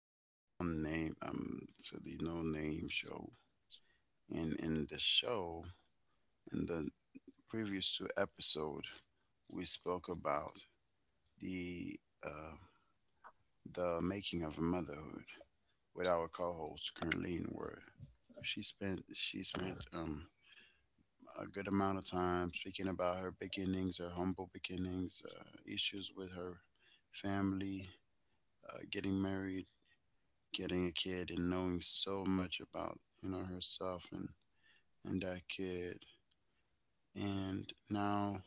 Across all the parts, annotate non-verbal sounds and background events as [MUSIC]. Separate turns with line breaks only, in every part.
to the no name show. And in the show, in the previous two episode, we spoke about the uh, the making of motherhood with our co-host Carleen, where she spent a good amount of time speaking about her beginnings, her humble beginnings, issues with her family, getting married, getting a kid, and knowing so much about herself and that kid. And now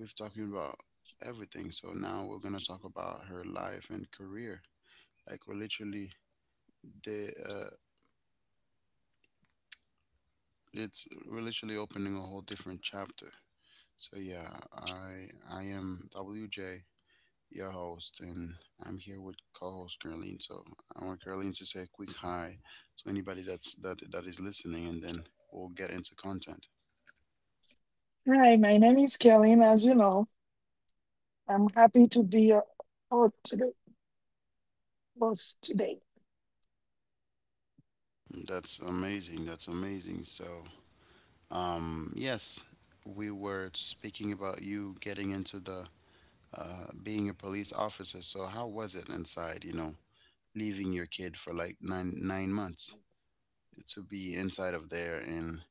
we've talking about everything, so now we're gonna talk about her life and career. Like the uh we're literally opening a whole different chapter. So yeah, I am WJ, your host, and I'm here with co-host Caroline. So I want Caroline to say a quick hi to anybody that is listening, and then we'll get into content.
Hi, my name is Kathleen. As you know, I'm happy to be your host today. host today.
That's amazing. That's amazing. So, yes, we were speaking about you getting into the being a police officer. So, how was it inside? You know, leaving your kid for like nine months to be inside of there and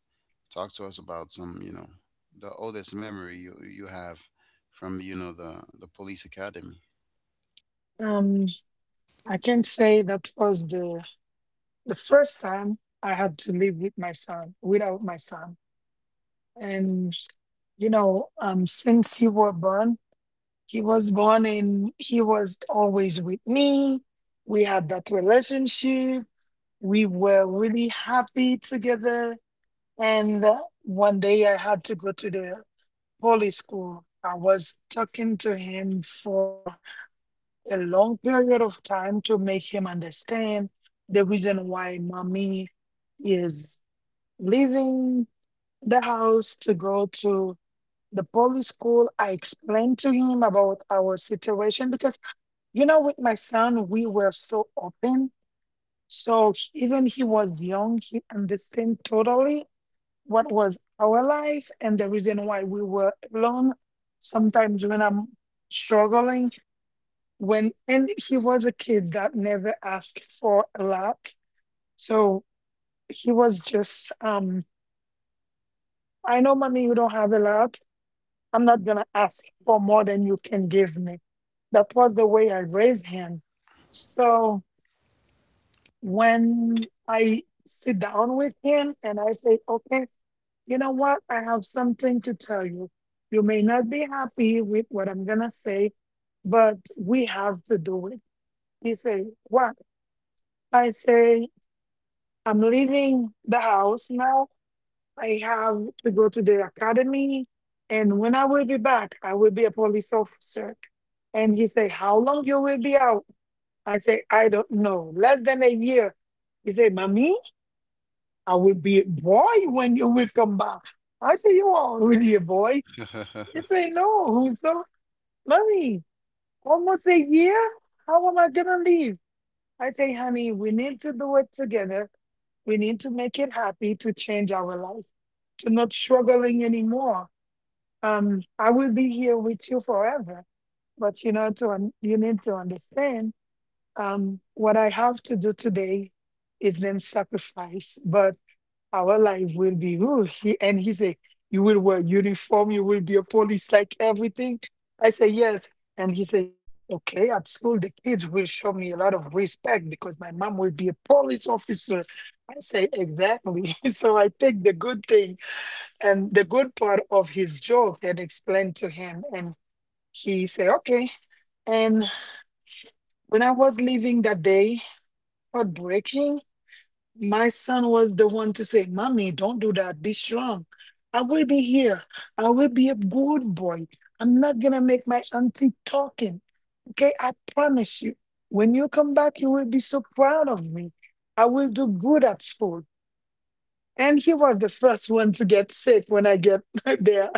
talk to us about some. You know, the oldest memory you have from the police academy.
Um, I can say that was the first time I had to live with my son, without my son. And since he was born and he was always with me. We had that relationship. We were really happy together. And one day I had to go to the Holy school. I was talking to him for a long period of time to make him understand the reason why mommy is leaving the house to go to the poly school. I explained to him about our situation because, you know, with my son, we were so open. So he- even he was young, he understood totally what was our life and the reason why we were alone. Sometimes when I'm struggling, when and he was a kid that never asked for a lot. So he was just I know mommy you don't have a lot. I'm not gonna ask for more than you can give me. That was the way I raised him. So when I sit down with him and I say, okay, you know what? I have something to tell you. You may not be happy with what I'm going to say, but we have to do it. He say, what? I say, I'm leaving the house now. I have to go to the academy. And when I will be back, I will be a police officer. And he say, how long you will be out? I say, I don't know. Less than a year. He say, Mommy, I will be a boy when you will come back. I say, you are already a boy.
[LAUGHS]
This ain't no so Mommy, almost a year? How am I gonna leave? I say, honey, we need to do it together. We need to make it happy to change our life, to not struggling anymore. I will be here with you forever, but you know, to un- you need to understand what I have to do today is then sacrifice. But our life will be whew, he, and he said you will wear uniform, you will be a police, like everything. I say yes. And he said, okay, at school the kids will show me a lot of respect because my mom will be a police officer. I say exactly. [LAUGHS] So I take the good thing and the good part of his joke and explain to him, and he say okay. And when I was leaving that day, heartbreaking, my son was the one to say, Mommy, don't do that. Be strong. I will be here. I will be a good boy. I'm not going to make my auntie talking. Okay. I promise you. When you come back, you will be so proud of me. I will do good at school. And he was the first one to get sick when I get [LAUGHS] there.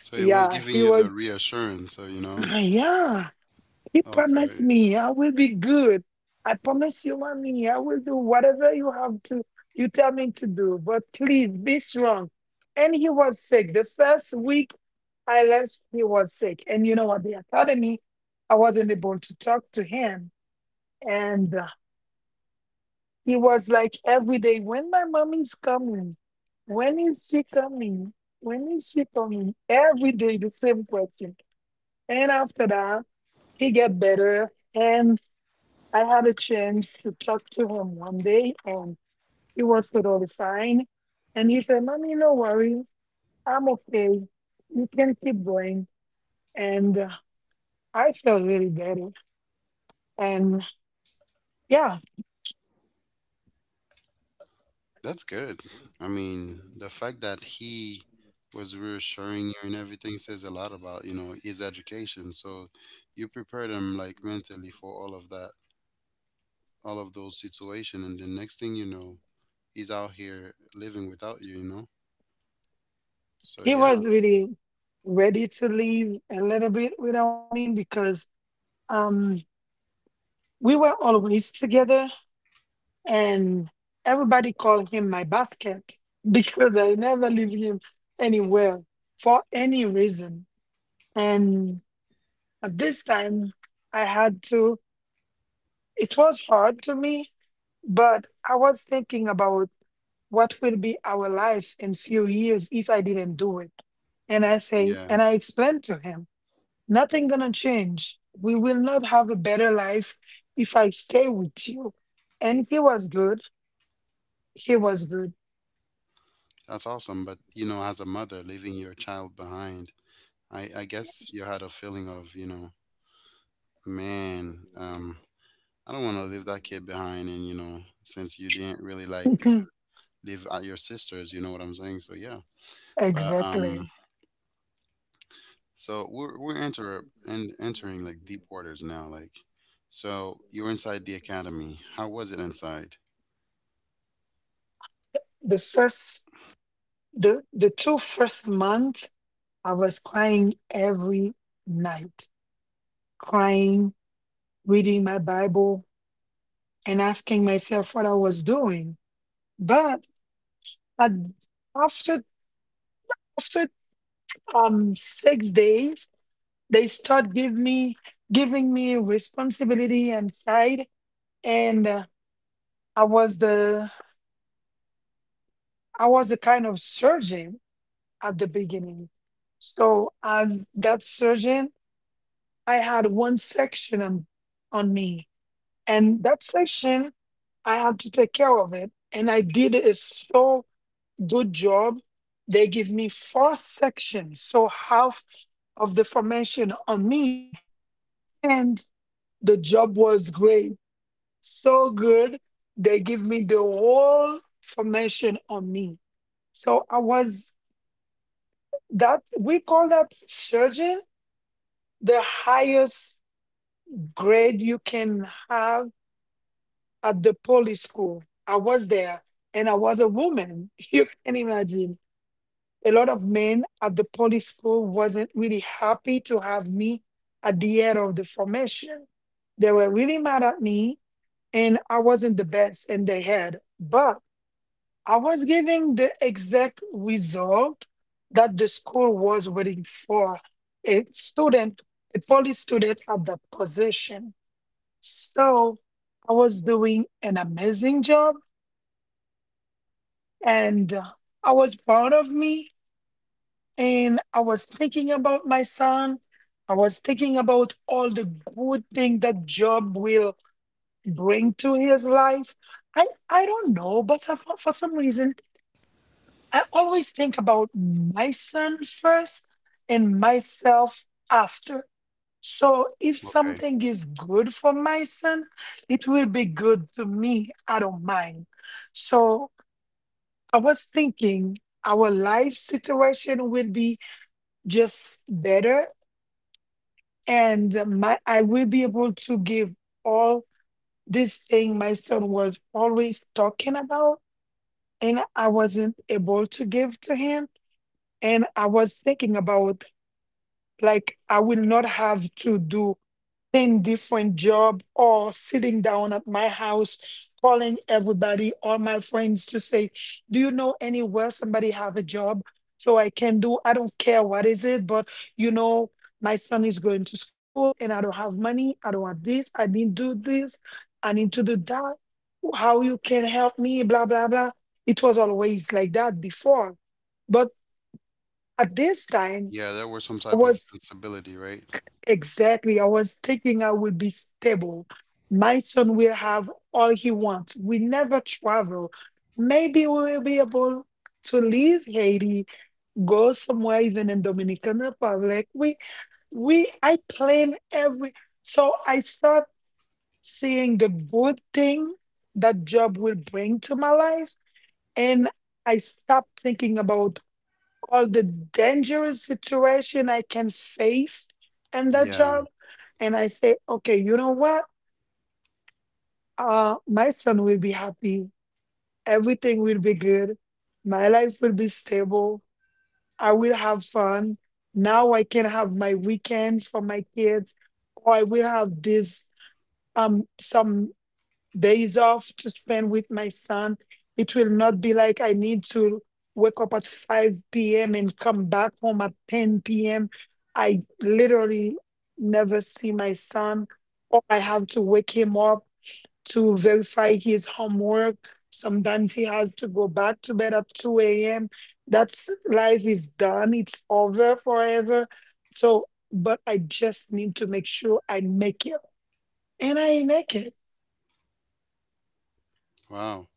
So it was
Yeah.
giving
He
you
was,
the reassurance. So you
[CLEARS THROAT]
know,
yeah. He promised
okay.
me I will be good. I promise you, mommy, I will do whatever you have to, you tell me to do, but please be strong. And he was sick. The first week I left, he was sick. And you know what? The academy, I wasn't able to talk to him. And he was like every day, when my mommy's coming? When is she coming? When is she coming? Every day, the same question. And after that, he get better. And I had a chance to talk to him one day and he was totally fine. And he said, Mommy, no worries. I'm okay. You can keep going. And I felt really better. And yeah,
That's good. I mean, the fact that he was reassuring you and everything says a lot about, his education. So you prepared him like mentally for all of that, all of those situations. And the next thing you know, he's out here living without you, you know? So
he
yeah,
was really ready to leave a little bit without me because um, we were always together. And everybody called him my basket [LAUGHS] because I never leave him anywhere for any reason. And at this time, I had to, it was hard to me, but I was thinking about what will be our life in few years if I didn't do it. And I say,
yeah,
and I explained to him, nothing gonna change. We will not have a better life if I stay with you. And he was good. He was good.
that's awesome. But, as a mother, leaving your child behind, I guess you had a feeling of, man, I don't want to leave that kid behind. And, since you didn't really like to
[LAUGHS]
live at your sister's. You know what I'm saying? So yeah, but
Exactly.
so we're enter and entering like deep waters now. Like, so you're inside the academy. How was it inside?
The first, the two first months, I was crying every night, crying, reading my Bible, and asking myself what I was doing. But at, after after 6 days, they start give me giving me responsibility and side, and I was the I was a kind of surgeon at the beginning. So as that surgeon, I had one section on me, and that section I had to take care of it, and I did a so good job. They give me four sections, so half of the formation on me, and the job was great, so good. They give me the whole formation on me, so I was that we call that surgeon the highest grade you can have at the poly school. I was there and I was a woman. [LAUGHS] You can imagine. A lot of men at the poly school wasn't really happy to have me at the head of the formation. They were really mad at me and I wasn't the best in their head. But I was giving the exact result that the school was waiting for. A student, a poly student at that position. So I was doing an amazing job, and I was proud of me. And I was thinking about my son. I was thinking about all the good thing that job will bring to his life. I don't know, but so- for some reason, I always think about my son first and myself after. So if
Okay.
something is good for my son, it will be good to me. I don't mind. So I was thinking our life situation will be just better, and my I will be able to give all this thing my son was always talking about and I wasn't able to give to him. And I was thinking about like I will not have to do in different job or sitting down at my house calling everybody all my friends to say, do you know anywhere somebody have a job so I can do? I don't care what is it, but you know, my son is going to school and I don't have money, I don't have this, I didn't do this, I need to do that, how you can help me, blah blah blah. It was always like that before. But at this time
Yeah, there were some
I
type of
was.
instability, right?
Exactly. I was thinking I would be stable. My son will have all he wants. We never travel. Maybe we will be able to leave Haiti, go somewhere even in Dominican Republic. We I plan every so I start seeing the good thing that job will bring to my life, and I stop thinking about all the dangerous situation I can face in that
Yeah.
job. And I say, okay, you know what? My son will be happy. Everything will be good. My life will be stable. I will have fun. Now I can have my weekends for my kids, or I will have this some days off to spend with my son. It will not be like I need to wake up at 5 p.m. and come back home at 10 p.m. I literally never see my son, or I have to wake him up to verify his homework. Sometimes he has to go back to bed at 2 a.m. That's life is done, it's over forever. So, but I just need to make sure I make it, and I make it.
Wow.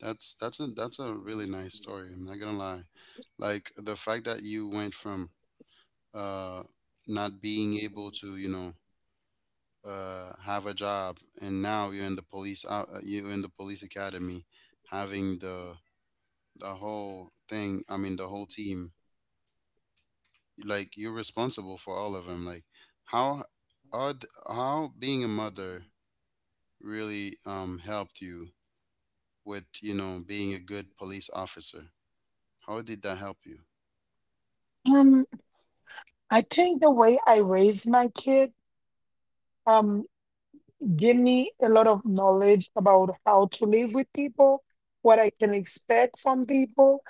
That's a really nice story. I'm not gonna lie. Like the fact that you went from uh not being able to, have a job, and now you're in the police academy, having the whole thing. I mean, the whole team. Like you're responsible for all of them. Like how how being a mother really helped you with being a good police officer? How did that help you?
I think the way I raise my kid um give me a lot of knowledge about how to live with people, what I can expect from people.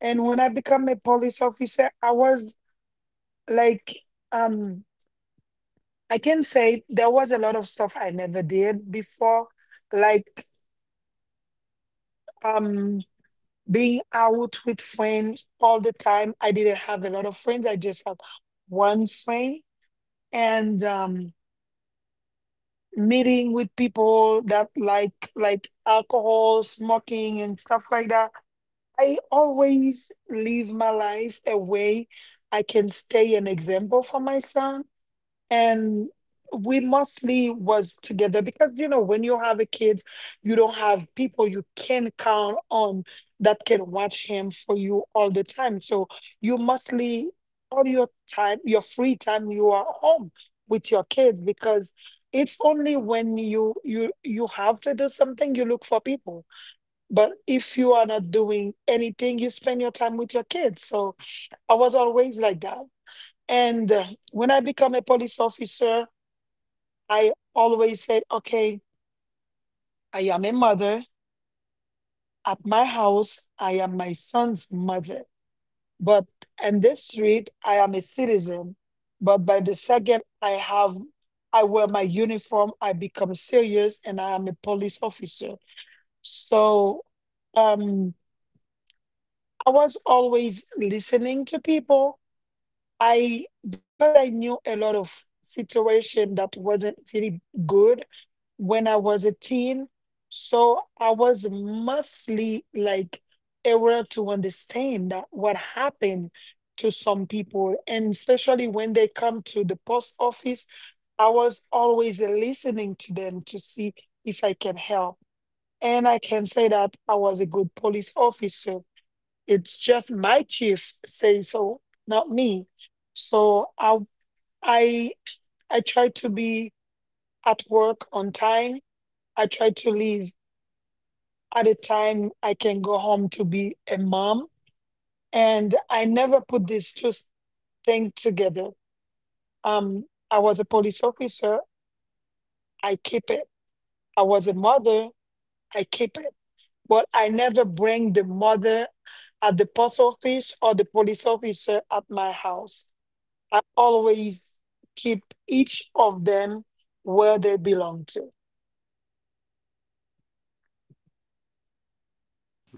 And when I become a police officer, I was like um I can say there was a lot of stuff I never did before, like um being out with friends all the time. I didn't have a lot of friends. I just had one friend. And meeting with people that like alcohol, smoking and stuff like that. I always live my life a way I can stay an example for my son, and we mostly was together because you know when you have a kid you don't have people you can count on that can watch him for you all the time, so you mostly all your time your free time you are home with your kids because it's only when you have to do something you look for people, but if you are not doing anything you spend your time with your kids. So I was always like that. And when I become a police officer I always said, okay, I am a mother. At my house, I am my son's mother. But in this street, I am a citizen. But by the second I have, I wear my uniform, I become serious and I am a police officer. So um, I was always listening to people I because I knew a lot of situation that wasn't really good when I was a teen, so I was mostly like able to understand that what happened to some people, and especially when they come to the post office, I was always listening to them to see if I can help. And I can say that I was a good police officer, it's just my chief say so, not me. So I I try to be at work on time. I try to leave at a time I can go home to be a mom. And I never put these two things together. Um, I was a police officer. I keep it. I was a mother. I keep it. But I never bring the mother at the post office or the police officer at my house. I always keep each of them where they belong to.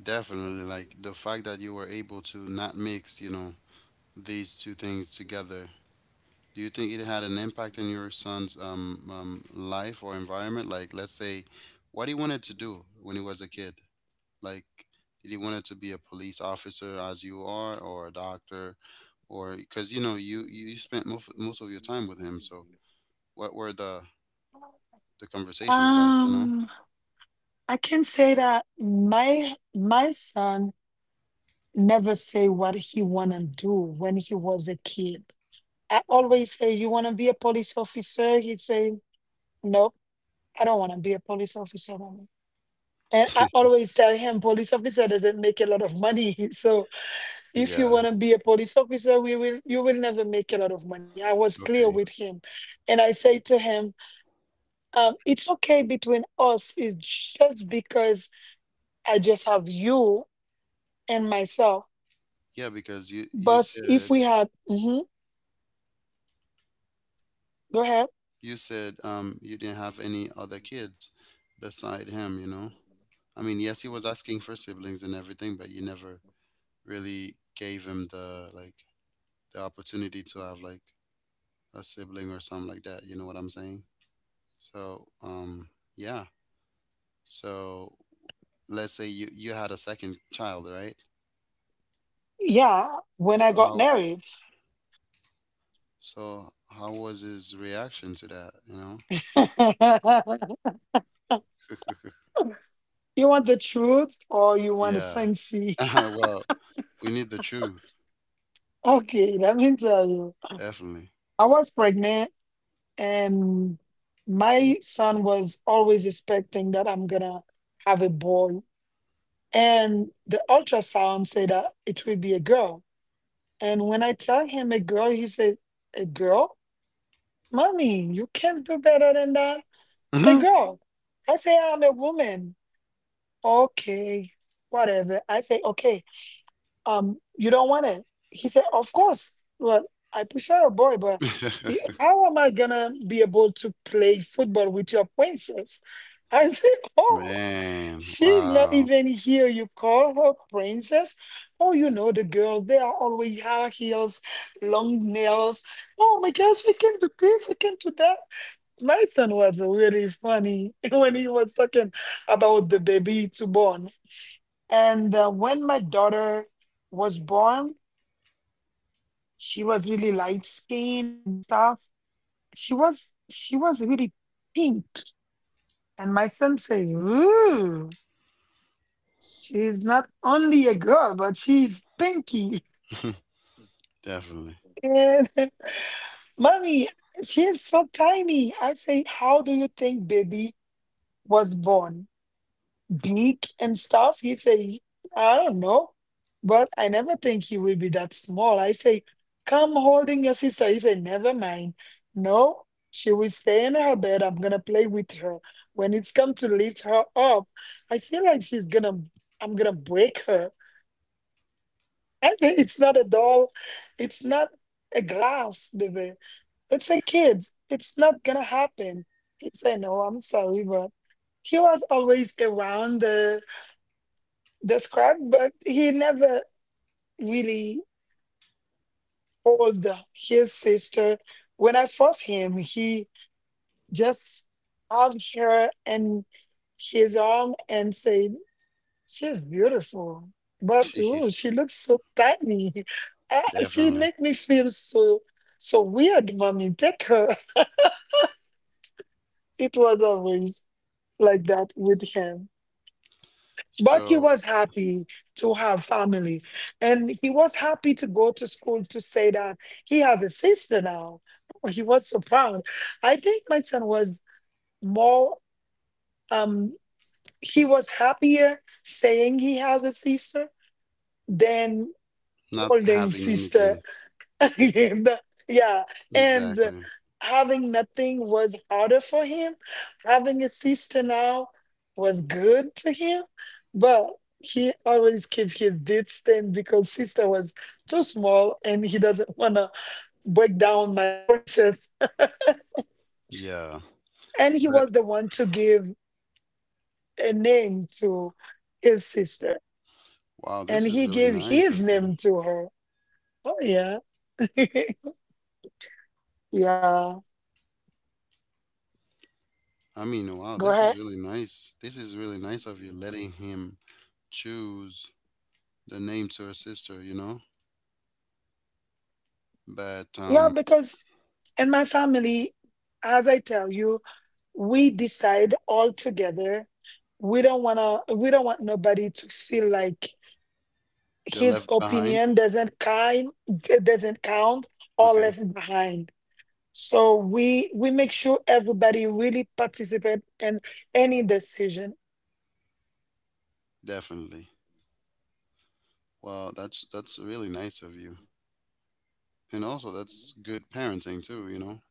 Definitely, like the fact that you were able to not mix, these two things together. Do you think it had an impact on your son's life or environment? Like, let's say, what he wanted to do when he was a kid. Like, did he wanted to be a police officer as you are, or a doctor, or because you spent most of your time with him. So, what were the conversations like? You know?
Um, I can say that my son never say what he wanna do when he was a kid. I always say, "You wanna be a police officer?" He say, "No, I don't wanna be a police officer, mommy." And I always tell him, "Police officer doesn't make a lot of money, [LAUGHS] so if you
Yeah.
want to be a police officer we will you will never make a lot of money. I was clear
Okay.
with him." And I say to him, "It's okay between us. It's just because I just have you and myself.
Yeah, because
But if we had..." Mhm, go ahead.
you didn't have any other kids beside him. You know. I mean, yes, he was asking for siblings and everything, but you never really gave him the opportunity to have like a sibling or something like that. You know what I'm saying? So yeah. So let's say you had a second child, right?
Yeah, when I
So
got
how
married.
so how was his reaction to that? You know?
[LAUGHS] You want the truth or you want the
Yeah. [LAUGHS]
fancy? [LAUGHS]
Well, we need the truth,
Okay, let me tell you.
definitely.
I was pregnant. And my son was always expecting that I'm gonna have a boy. And the ultrasound said that it will be a girl. And when I tell him a girl, he said, "A girl? Mommy, you can't do better than that. A
[LAUGHS]
girl." I say, "I'm a woman. Okay, whatever." I say, "Okay, you don't want it." He said, "Of course. Well, I prefer a boy, but how am I gonna be able to play football with your princess?" [LAUGHS] I said, "Oh,
Man,
she's not
wow.
even here. You call her princess?" "Oh, you know the girls, they are always high heels, long nails. Oh my gosh, I can do this, I can do that." My son was really funny [LAUGHS] when he was talking about the baby to born. And when my daughter was born, she was really light skin and stuff. She was really pink. And my son said, "Ooh, she's not only a girl, but she's pinky." [LAUGHS]
[LAUGHS] Definitely.
And [LAUGHS] "Mommy, she is so tiny." I say, "How do you think baby was born? Geek and stuff." He say, "I don't know, but I never think he will be that small." I say, "Come holding your sister." He say, "Never mind. No, she will stay in her bed. I'm gonna play with her. When it's come to lift her up, I feel like she's gonna, I'm gonna break her." [LAUGHS] I say, "It's not a doll. It's not a glass, baby. It's a kid. It's not gonna happen." He said, "No, I'm sorry," but he was always around described, but he never really told his sister. When I first him, he just hugged her in his arm and said, "She's beautiful. But
[LAUGHS]
ooh, she looks so tiny." [LAUGHS] "Ah, she
Definitely.
make me feel so so weird, mommy. Take her." [LAUGHS] It was always like that with him. But he
So,
was happy to have family and he was happy to go to school to say that he has a sister now. Oh, he was so proud. I think my son was more, um he was happier saying he has a sister than
not
holding
having
sister.
anything.
[LAUGHS] And yeah, and
Exactly.
having nothing was harder for him. Having a sister now was good to him, but he always kept his distance because sister was too small and he doesn't [LAUGHS] want to break down my princess.
Yeah.
And he
But
was the one to give a name to his sister,
wow,
and
this is
he
really
gave
nice
his
of you.
name to her. Oh yeah, [LAUGHS] yeah.
I mean, wow,
Go
this
ahead.
is really nice. This is really nice of you letting him choose the name to her sister, you know? But
Yeah, because in my family, as I tell you, we decide all together. We don't want nobody to feel like
they're
his
left behind?
opinion doesn't count or
Okay,
left behind. So we make sure everybody really participate in any decision.
definitely. Well, that's really nice of you. And also that's good parenting too, you know?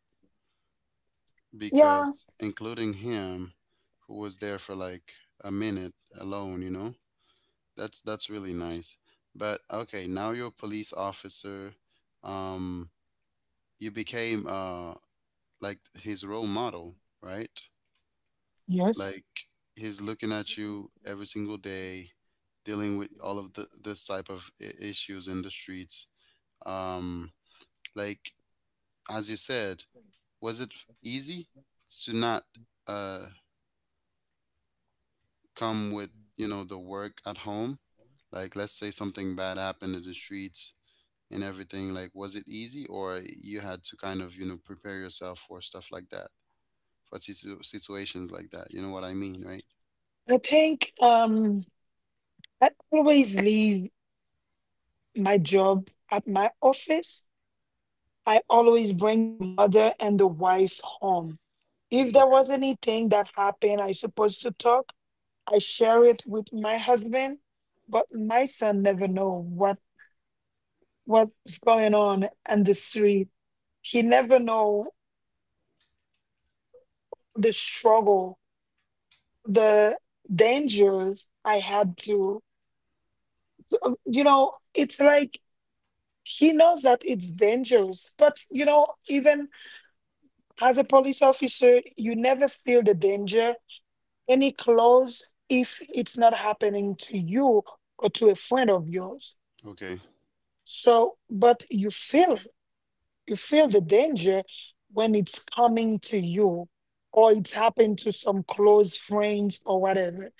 Yeah.
Because including him who was there for like a minute alone, you know? That's really nice. But okay, now you're a police officer. Um you became like his role model, right?
Yes.
Like he's looking at you every single day, dealing with all of the this type of issues in the streets. Um, like as you said, was it easy to not uh come with the work at home? Like let's say something bad happened in the streets and everything. Like, was it easy, or you had to kind of prepare yourself for stuff like that? For situations like that. You know what I mean, right?
I think I always leave my job at my office. I always bring the mother and the wife home. If there
Okay.
was anything that happened, I supposed to talk, I share it with my husband, but my son never know what's going on in the street. He never know the struggle, the dangers I had to, you know, it's like he knows that it's dangerous, but you know, even as a police officer, you never feel the danger any close if it's not happening to you or to a friend of yours.
Okay.
So, but you feel it. You feel the danger when it's coming to you or it's happened to some close friends or whatever.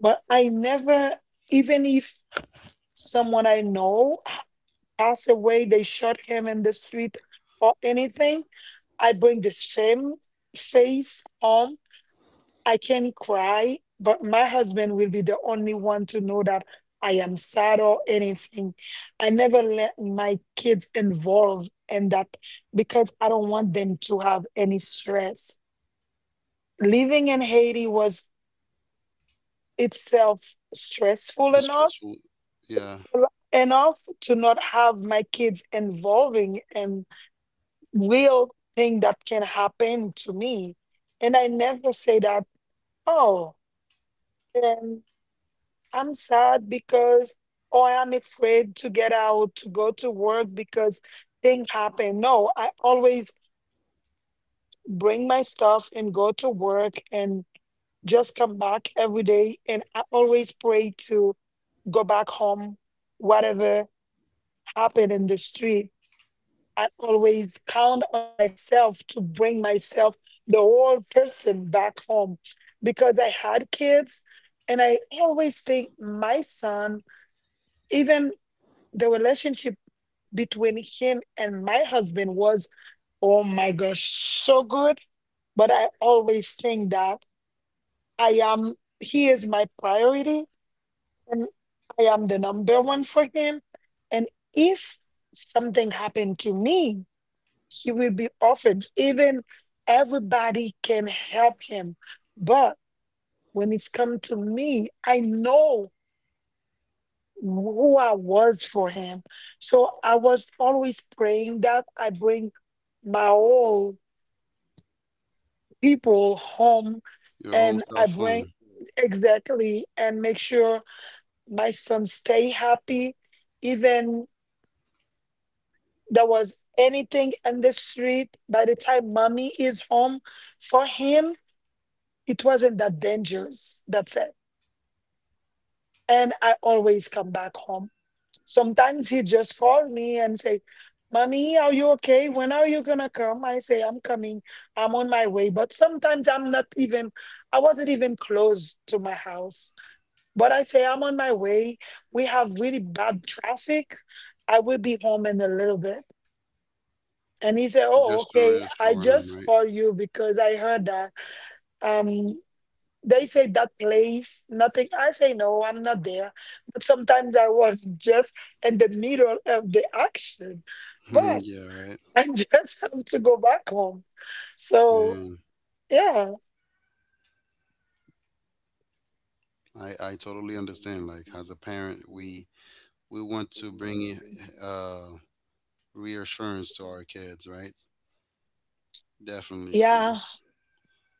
But I never, even if someone I know passed away, they shot him in the street or anything, I bring the same face home. I can cry, but my husband will be the only one to know that I am sad or anything. I never let my kids involved in that because I don't want them to have any stress. Living in Haiti was itself stressful
That's
enough
stressful. Yeah.
enough to not have my kids involving in real thing that can happen to me. And I never say that, oh, I'm sad because, or I'm afraid to get out, to go to work because things happen. No, I always bring my stuff and go to work and just come back every day. And I always pray to go back home, whatever happened in the street. I always count on myself to bring myself, the whole person, back home because I had kids. And I always think my son, even the relationship between him and my husband was, oh my gosh, so good. But I always think that I am, he is my priority and I am the number one for him. And if something happened to me, he will be offered. Even everybody can help him. But when it's come to me, I know who I was for him. So I was always praying that I bring my whole people home
Your whole
and I
self
bring
home.
exactly and make sure my son stay happy. Even there was anything in the street, by the time mommy is home, for him, it wasn't that dangerous. That's it. And I always come back home. Sometimes he just called me and say, "Mommy, are you okay? When are you gonna come?" I say, "I'm coming, I'm on my way." But sometimes I'm not even, I wasn't even close to my house. But I say, "I'm on my way. We have really bad traffic. I will be home in a little bit." And he said, "Oh,
Just to
okay. I
reassure him,
just
right?
called you because I heard that." Um. "They say that place, nothing." I say, "No, I'm not there." But sometimes I was just in the middle of the action. But
[LAUGHS] Yeah, right.
I [LAUGHS] just have to go back home. So
Man,
yeah,
I totally understand. Like as a parent, we want to bring i- uh reassurance to our kids, right? Definitely
yeah.
so.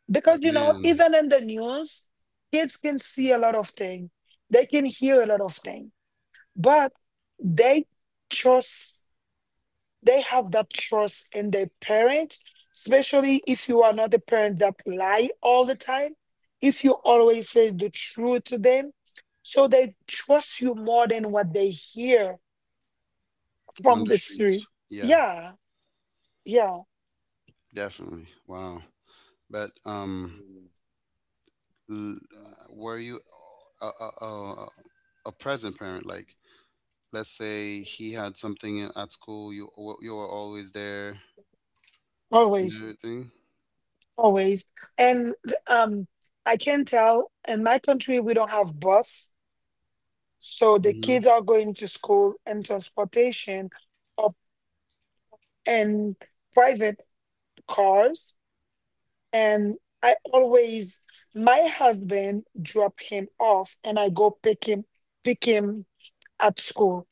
Because
But
you know,
man,
even in the news, kids can see a lot of things. They can hear a lot of things. But they trust, they have that trust in their parents, especially if you are not a parent that lie all the time, if you always say the truth to them. So they trust you more than what they hear
on
from
the
the street.
streets. Yeah,
Yeah, yeah,
definitely. Wow. But l- were you a, a, a, a present parent? Like, let's say he had something at school, you were always there and
always,
everything.
always. And um, I can tell in my country, we don't have bus. So the
Mm-hmm.
kids are going to school and transportation or and private cars and I always, my husband drop him off and I go pick him at school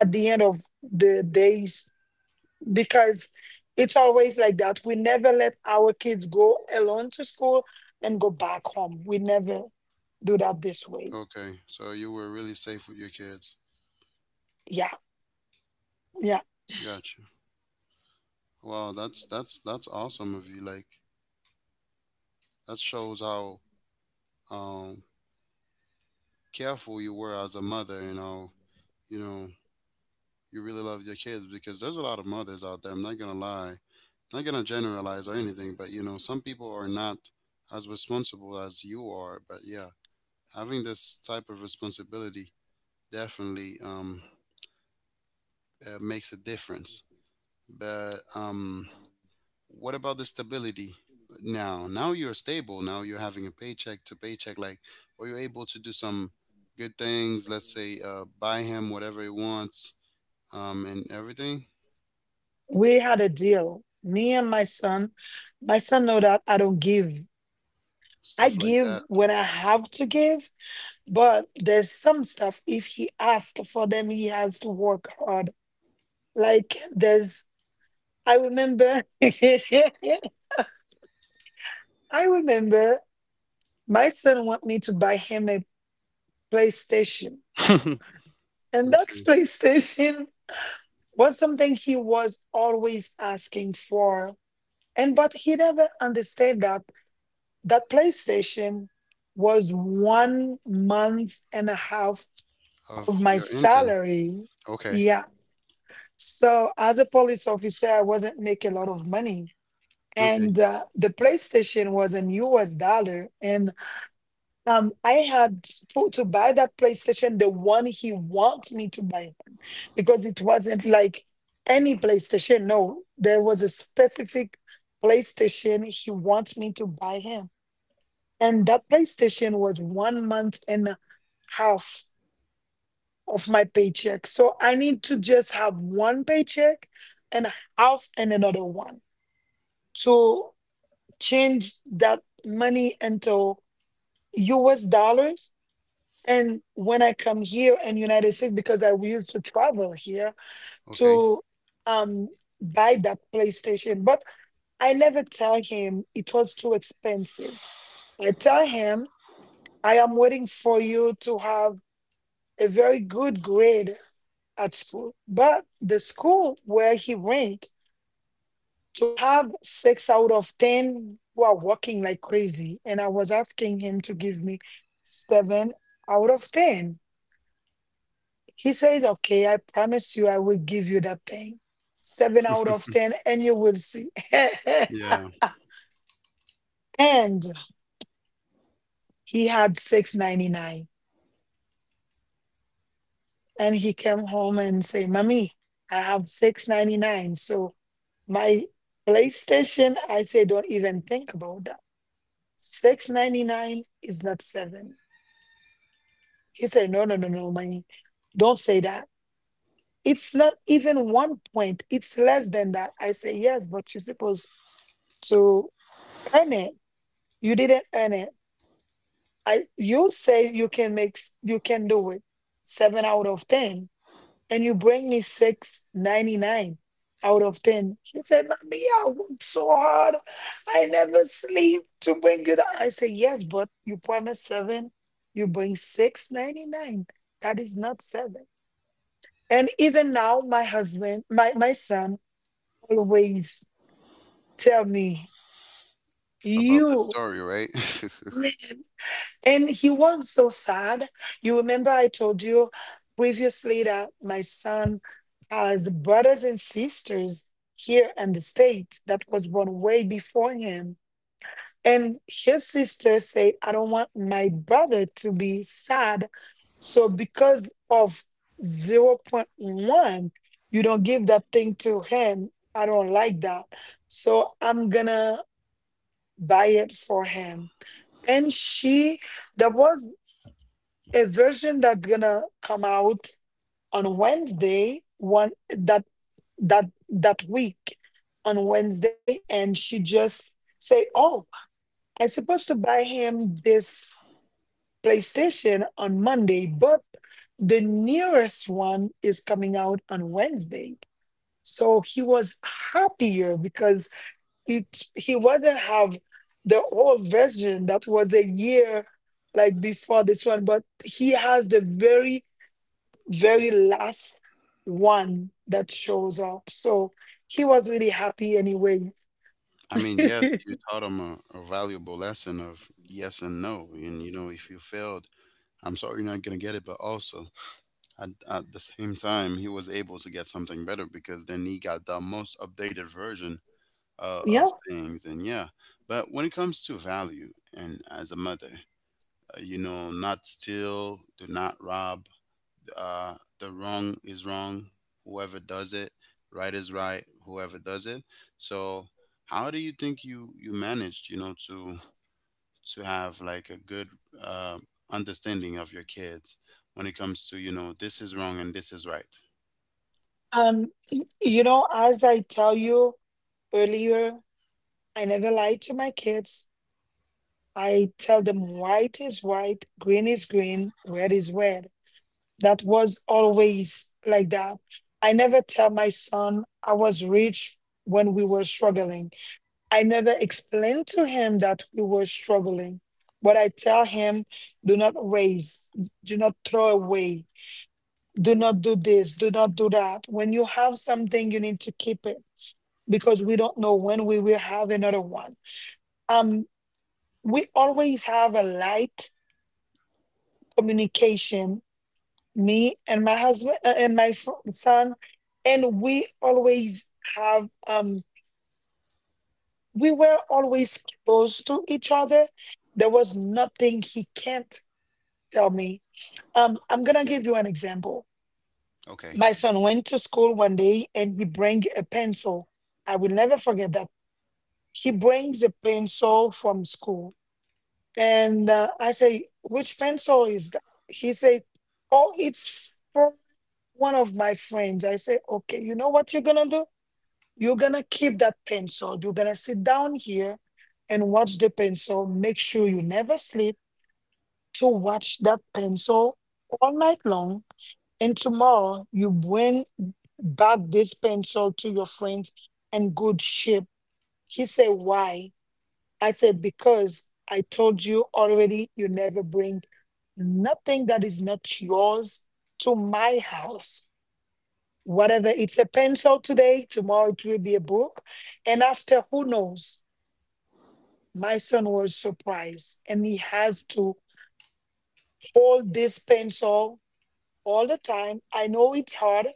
at the end of the days because it's always like that. We never let our kids go alone to school and go back home. We never do that this way.
Okay, so you were really safe with your kids.
Yeah. Yeah.
Gotcha. Wow, that's awesome of you. Like that shows how um careful you were as a mother, and how you know you really love your kids, because there's a lot of mothers out there. I'm not gonna lie, not gonna generalize or anything, but some people are not as responsible as you are. But yeah, having this type of responsibility definitely makes a difference. But what about the stability now? Now you're stable. Now you're having a paycheck to paycheck. Like, are you able to do some good things? Let's say, buy him whatever he wants, and everything,
We had a deal. Me and my son know that I don't give. I
stuff like
give
that.
when I have to give. But there's some stuff, if he asked for them, he has to work hard. Like there's, I remember, [LAUGHS] I remember my son want me to buy him a PlayStation.
[LAUGHS]
And that [LAUGHS]
Okay,
PlayStation was something he was always asking for. And but he never understood that PlayStation was 1 month and a half of
of
my
your income.
salary.
Okay,
Yeah. So as a police officer, I wasn't making a lot of money.
okay,
And the PlayStation was in US dollar. And I had to buy that PlayStation, the one he wants me to buy one, because it wasn't like any PlayStation. No, there was a specific PlayStation he wants me to buy him. And that PlayStation was 1 month and a half of my paycheck. So I need to just have one paycheck and half and another one to change that money into US dollars. And when I come here in United States, because I used to travel here
okay.
to um buy that PlayStation. But I never tell him it was too expensive. I tell him I am waiting for you to have a very good grade at school, but the school where he went to have six out of 10 who are working like crazy. And I was asking him to give me seven out of 10. He says, "Okay, I promise you, I will give you that thing. Seven out of 10, and you will see." [LAUGHS]
Yeah,
And he had 699 and he came home and say, "Mommy, I have 699, so my PlayStation." I say, "Don't even think about that. 6.99 is not seven." He said, "No, no, no, no, money. Don't say that. It's not even one point. It's less than that." I say, "Yes, but you're supposed to earn it. You didn't earn it. I you say you can make you can do it. Seven out of ten. And you bring me 699 out of 10." She said, "Mommy, I worked so hard. I never sleep to bring you that." I said, "Yes, but you promised seven, you bring 699. That is not seven." And even now, my husband, my son always tell me,
about the
"You
story, right? [LAUGHS]
man." And he was so sad. You remember I told you previously that my son has brothers and sisters here in the States that was born way before him. And his sister said, "I don't want my brother to be sad. So because of 0.01, you don't give that thing to him. I don't like that. So I'm gonna buy it for him." And she, there was a version that's gonna come out on Wednesday, one that that week on Wednesday, and she just say, "Oh, I'm supposed to buy him this PlayStation on Monday, but the nearest one is coming out on Wednesday." So he was happier because it he wasn't have the old version that was a year like before this one, but he has the very very last one that shows up. So he was really happy anyway.
I mean, yes, you
[LAUGHS]
taught him a valuable lesson of yes and no. And you know, if you fail, I'm sorry you're not going to get it, but also at the same time, he was able to get something better, because then he got the most updated version
Yeah.
of things. And yeah, but when it comes to value, and as a mother, not steal, do not rob. The wrong is wrong, whoever does it. Right is right, whoever does it. So, how do you think you managed, to have like a good uh, understanding of your kids when it comes to this is wrong and this is right.
You know, as I tell you earlier, I never lie to my kids. I tell them white is white, green is green, red is red. That was always like that. I never tell my son I was rich when we were struggling. I never explain to him that we were struggling, but I tell him, do not raise, do not throw away, do not do this, do not do that. When you have something, you need to keep it because we don't know when we will have another one. Um, we always have a light communication, me and my husband and my son, and we always have we were always close to each other. There was nothing he can't tell me. I'm gonna give you an example.
Okay.
My son went to school one day and he bring a pencil. I will never forget that. He brings a pencil from school, and I say, "Which pencil is that?" He said, "Oh, it's from one of my friends." I say, "Okay, you know what you're gonna do? You're gonna keep that pencil. You're gonna sit down here and watch the pencil. Make sure you never sleep to watch that pencil all night long. And tomorrow you bring back this pencil to your friends and good ship." He said, "Why?" I said, "Because I told you already you never bring nothing that is not yours to my house, whatever it's a pencil today, tomorrow it will be a book and after who knows." My son was surprised and he has to hold this pencil all the time. I know it's hard,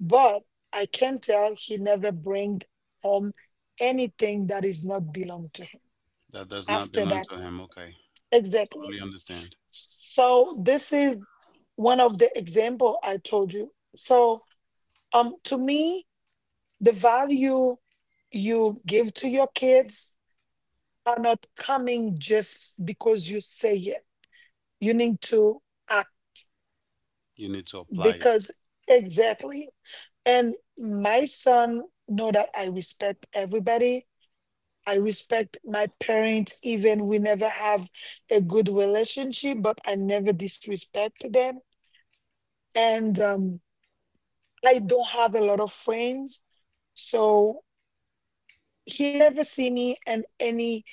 but I can tell he never bring home anything that is not belong to him
That does not
after
belong
that.
to him. Okay,
Exactly.
totally understand.
So this is one of the example I told you. So to me, the value you give to your kids are not coming just because you say it. You need to act
You need to apply it.
because exactly. And my son know that I respect everybody. I respect my parents, even we never have a good relationship, but I never disrespect them. And I don't have a lot of friends, so he never see me in any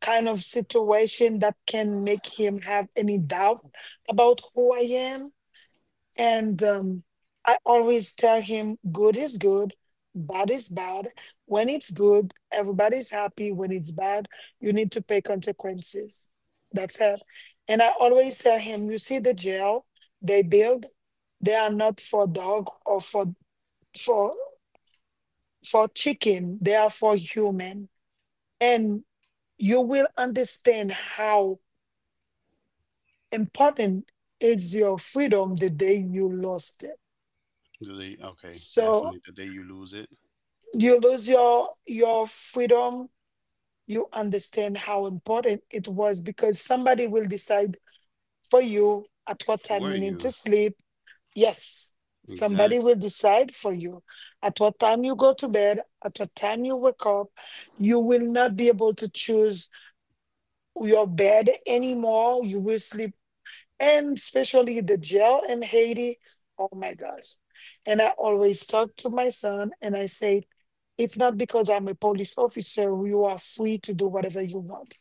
kind of situation that can make him have any doubt about who I am. And I always tell him, good is good, bad is bad. When it's good, everybody's happy. When it's bad, you need to pay consequences. That's it. And I always tell him, you see the jail they build, they are not for dog or for for chicken. They are for human. And you will understand how important is your freedom the day you lost it.
Do they? Okay,
So
definitely. The day you lose it.
you lose your freedom, you understand how important it was because somebody will decide for you at what time
For
you need
you,
to sleep. Yes, somebody
exactly.
will decide for you at what time you go to bed, at what time you wake up. You will not be able to choose your bed anymore, you will sleep. And especially the jail in Haiti. Oh my gosh. And I always talk to my son and I say, it's not because I'm a police officer, you are free to do whatever you want.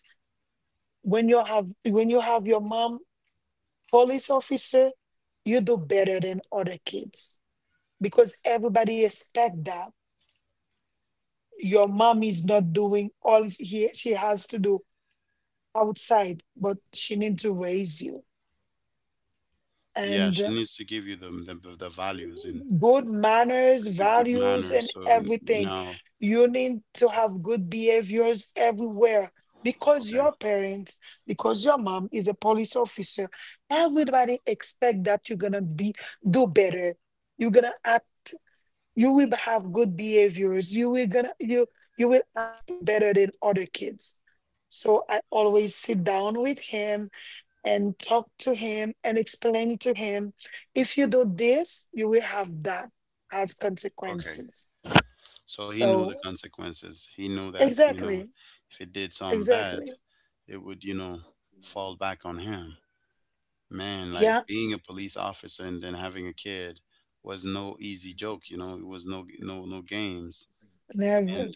When you have your mom police officer, you do better than other kids because everybody expect that. Your mom is not doing all he, she has to do outside, but she needs to raise you.
Yeah,
And."
she needs to give you the the values and
Good manners,
the good
values,
manners.
and
So
everything.
now.
You need to have good behaviors everywhere because
Okay,
your parents, because your mom is a police officer. Everybody expect that you're gonna be do better. You're gonna act. You will have good behaviors. You will act better than other kids. So I always sit down with him and talk to him and explain to him if you do this you will have that as
okay.
consequences.
So he knew the
So
consequences. He knew that,
exactly.
if he did something bad,
Exactly.
it would, fall back on him. Man, like
Yeah.
being a police officer and then having a kid was no easy joke. You know, it was no, no, no games. And
Never.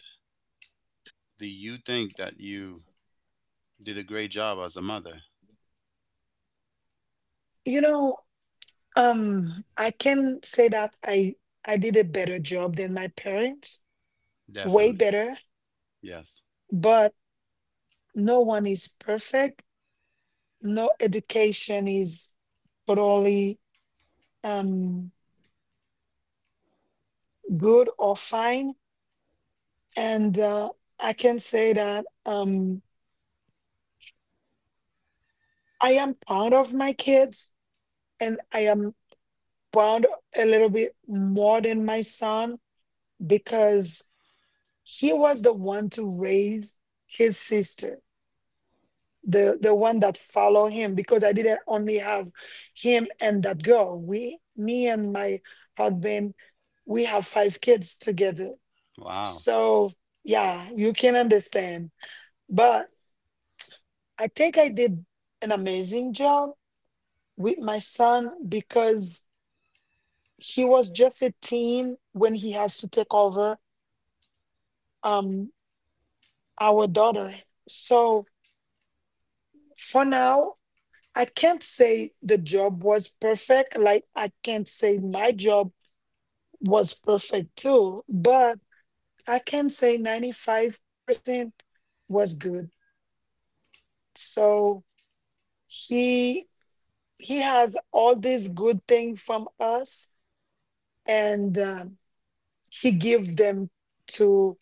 do you think that you did a great job as a mother?
You know, I can say that I did a better job than my parents. Way
Definitely.
better.
Yes.
But no one is perfect. No education is totally um good or fine. And I can say that I am proud of my kids and I am proud a little bit more than my son because he was the one to raise his sister, the one that followed him because I didn't only have him and that girl. We, me and my husband, we have 5 kids together.
Wow.
So yeah, you can understand. But I think I did an amazing job with my son because he was just a teen when he has to take over um our daughter. So for now I can't say the job was perfect, like I can't say my job was perfect too, but I can say 95% was good. So he he has all these good things from us. And he give them to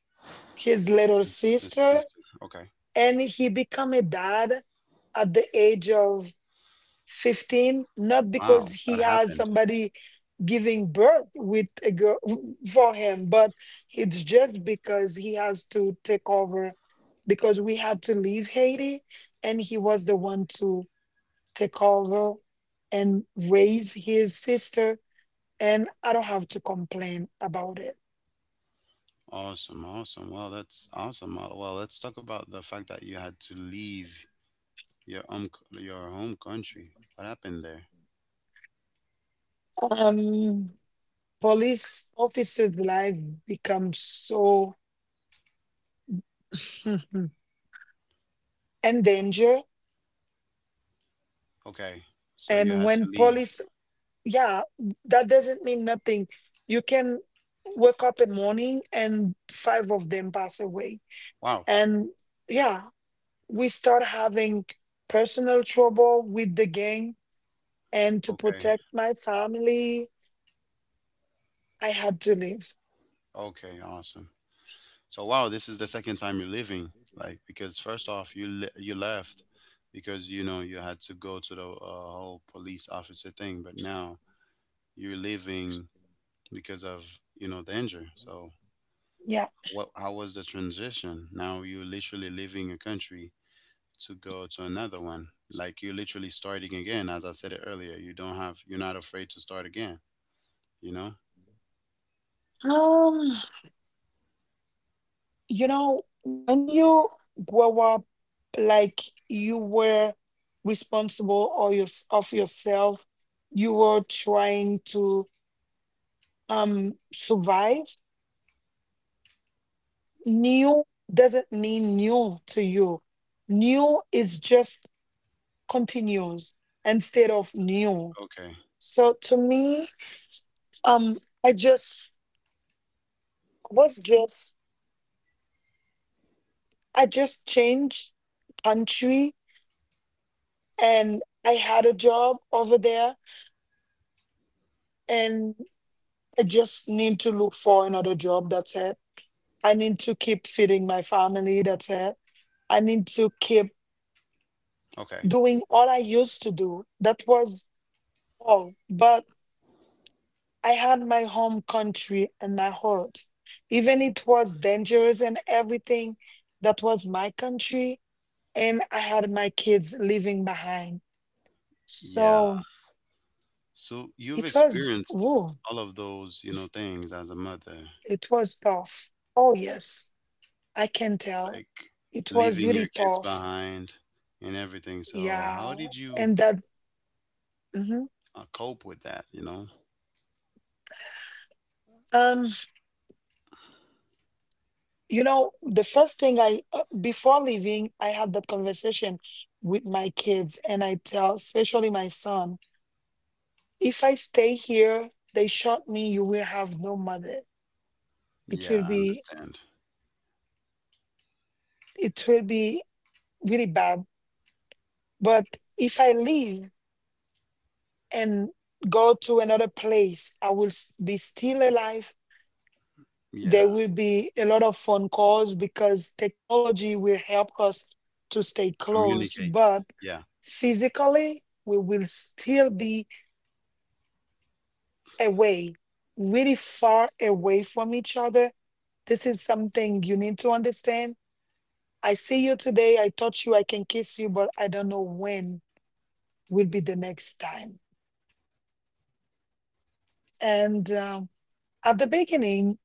his little
It's, it's,
sister.
it's, okay.
And he became a dad at the age of 15, not because
Wow.
he
What
has
happened?
somebody giving birth with a girl for him, but it's just because he has to take over because we had to leave Haiti and he was the one to take over and raise his sister. And I don't have to complain about it.
Awesome. Awesome. Well, that's awesome. Well, let's talk about the fact that you had to leave Your um, your home country. What happened there?
um Police officers life becomes so [LAUGHS] and danger.
Okay, so you
And
had
when
to leave.
police, yeah, that doesn't mean nothing. You can wake up in morning and five of them pass away.
Wow.
And yeah, we start having personal trouble with the gang. And to
Okay.
protect my family, I had to leave.
Okay. Awesome. So wow, this is the second time you're leaving. Like, because first off, you left because you had to go to the whole police officer thing, but now you're leaving because of danger. So
Yeah.
what? How was the transition? Now you're literally leaving a country to go to another one. Like you're literally starting again. As I said it earlier, you don't have, you're not afraid to start again, you know?
Um, you know, when you grow up like you were responsible or your, of yourself, you were trying to survive, new doesn't mean new to you. New is just continuous instead of new.
Okay.
So to me, um, I just was just, I just changed country and I had a job over there and. I just need to look for another job. That's it. I need to keep feeding my family. That's it. I need to keep
Okay.
doing all I used to do. That was all. But I had my home country and my heart. Even it was dangerous and everything, that was my country. And I had my kids leaving behind.
Yeah.
So
So you've
it was,
experienced
woo,
all of those, things as a mother,
it was tough. Oh, yes, I can tell.
like
It was
leaving
really
your kids
tough.
behind and everything. So how
Yeah,
did you
and that, mhm.
cope with that, you know?
Um, you know, the first thing I before leaving, I had that conversation with my kids, and I tell, especially my son, if I stay here, they shot me, you will have no mother. It
Yeah,
will
I
be,
understand.
it will be really bad. But if I leave and go to another place, I will be still alive. There
Yeah.
will be a lot of phone calls because technology will help us to stay close,
Communicate.
but
Yeah.
physically, we will still be away, really far away from each other. This is something you need to understand. I see you today, I touch you, I can kiss you, but I don't know when will be the next time. And at the beginning,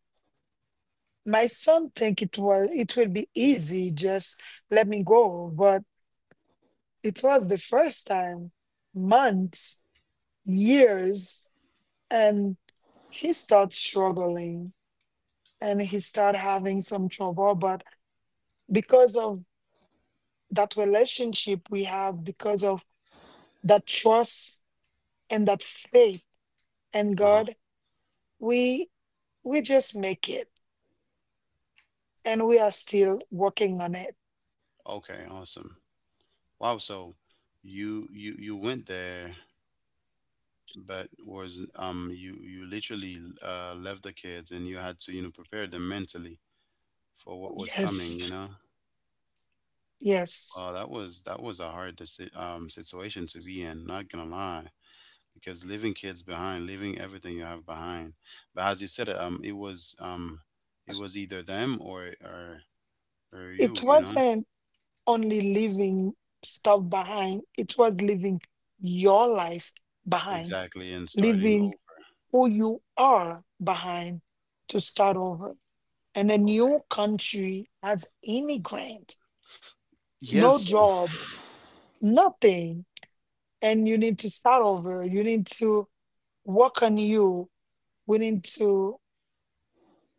my son think it will be easy, just let me go. But it was the first time, months, years, and he started struggling and he started having some trouble. But because of that relationship we have, because of that trust and that faith in
Uh-huh.
God, we we just make it and we are still working on it.
Okay, awesome. Wow, so you went there, but was you literally left the kids, and you had to prepare them mentally for what was coming,
Yes,
you know?
yes.
That was a hard situation to be in, not gonna lie. Because leaving kids behind, leaving everything you have behind, but as you said, it was either them or
It
you, you know?
wasn't only leaving stuff behind, it was leaving your life behind,
Exactly, and starting
leaving
over.
who you are behind to start over. And a
Okay,
new country as immigrant,
yeah,
no
so
job, nothing. And you need to start over. You need to work on you. We need to,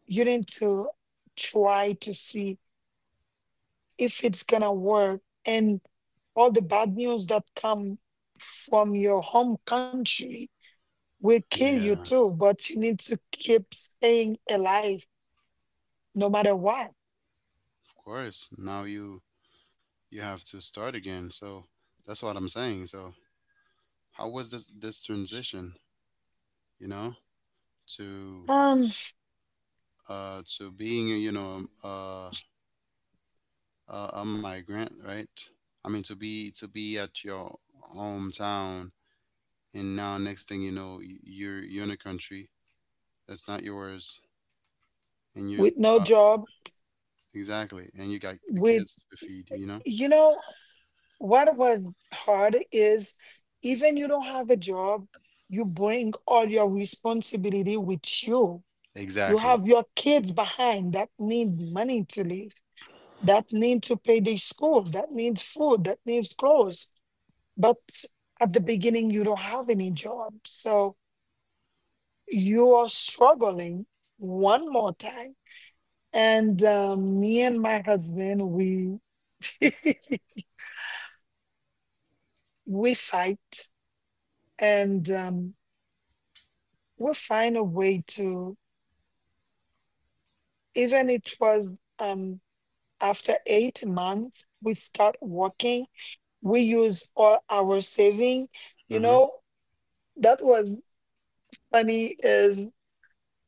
you need to try to see if it's gonna work, and all the bad news that come from your home country will kill you
yeah,
too, but you need to keep staying alive no matter what.
of course now you have to start again. So that's what I'm saying. So how was this transition? You know, to
Um
to being a migrant, right? I mean to be at your hometown, and now next thing you know, you're in a country that's not yours, and you
with no job,
exactly, and you got the
with
kids to feed.
you know, what was hard is even you don't have a job, you bring all your responsibility with you. You
Exactly.
have your kids behind that need money to live, that need to pay their school, that needs food, that needs clothes. But at the beginning, you don't have any job. So you are struggling one more time. And me and my husband, we [LAUGHS] we fight and we find a way to, even it was after 8 months, we start working. We use all our saving. You
Hmm.
know, that was funny is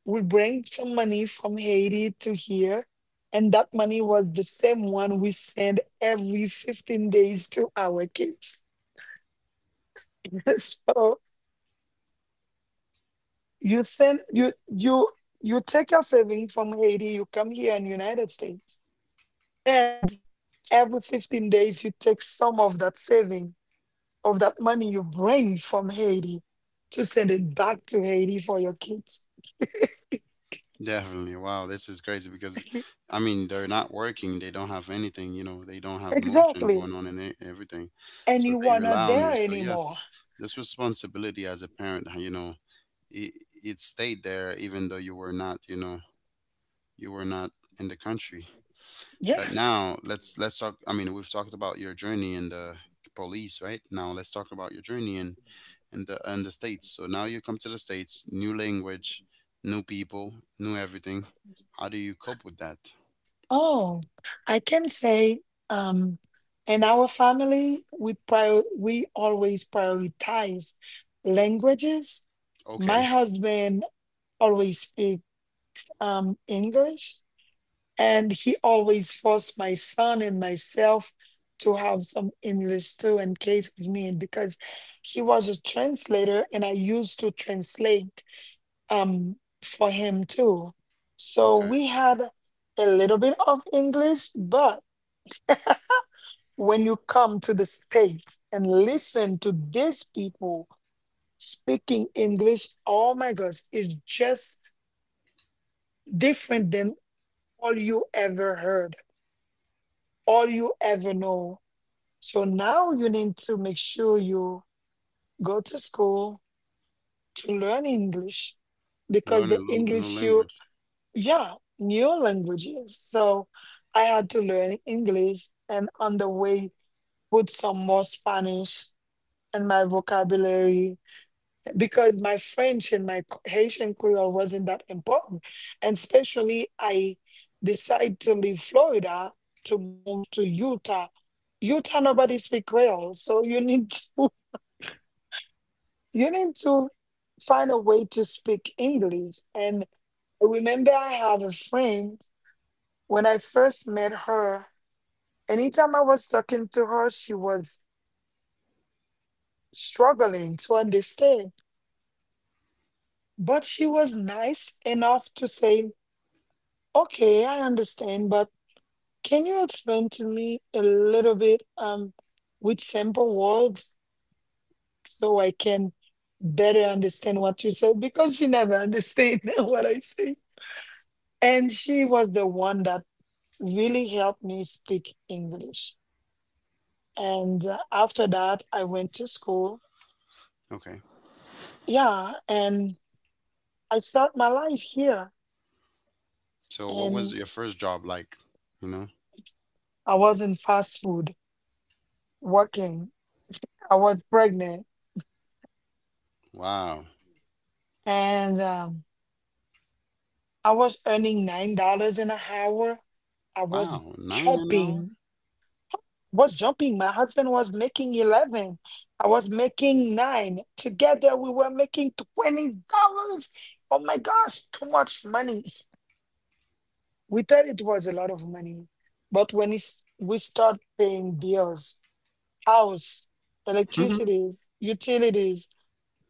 we bring some money from Haiti to here, and that money was the same one we send every 15 days to our kids. [LAUGHS] So you send you you you take your saving from Haiti, you come here in United States, and every 15 days you take some of that saving, of that money you bring from Haiti, to send it back to Haiti for your kids.
Definitely. Wow, this is crazy because
[LAUGHS]
I mean they're not working, they don't have anything, you know, they don't have motion
Exactly.
going on and everything.
And
So
you
they
are
rely
not
on
there
you. So
anymore.
yes, this responsibility as a parent, you know, it, it stayed there even though you were not, you know, you were not in the country.
Yeah.
But now let's talk, I mean, we've talked about your journey in the police, right? Now let's talk about your journey in the states. So now you come to the states, new language, new people, new everything. How do you cope with that?
Oh, I can say um, in our family, we always prioritize languages. My
Okay,
husband always speak English, and he always forced my son and myself to have some English too in case of need, because he was a translator and I used to translate um, for him too. So
okay,
we had a little bit of English, but when you come to the States and listen to these people speaking English, oh my gosh, it's just different than all you ever heard, all you ever know. So now you need to make sure you go to school to learn English, because
learn
the
a new
English you,
language.
yeah, new languages. So I had to learn English and on the way put some more Spanish in my vocabulary because my French and my Haitian Creole wasn't that important. And especially, I decided to leave Florida to move to Utah. Utah, nobody speak Creole, so you need to [LAUGHS] you need to find a way to speak English. And I remember, I have a friend when I first met her. Anytime I was talking to her, she was struggling to understand, but she was nice enough to say, okay, I understand, but can you explain to me a little bit with simple words so I can better understand what you said? Because she never understand [LAUGHS] what I say. And she was the one that really helped me speak English. And after that, I went to school.
Okay,
Yeah, and I start my life here.
so what was
And
your first job like? You know,
I was in fast food working. I was pregnant
wow,
and I was earning $9 an hour. I was
wow, nine an hour.
jumping. Was jumping. My husband was making 11. I was making nine. Together we were making $20. Oh my gosh, too much money. We thought it was a lot of money, but we start paying bills, house, electricity, utilities,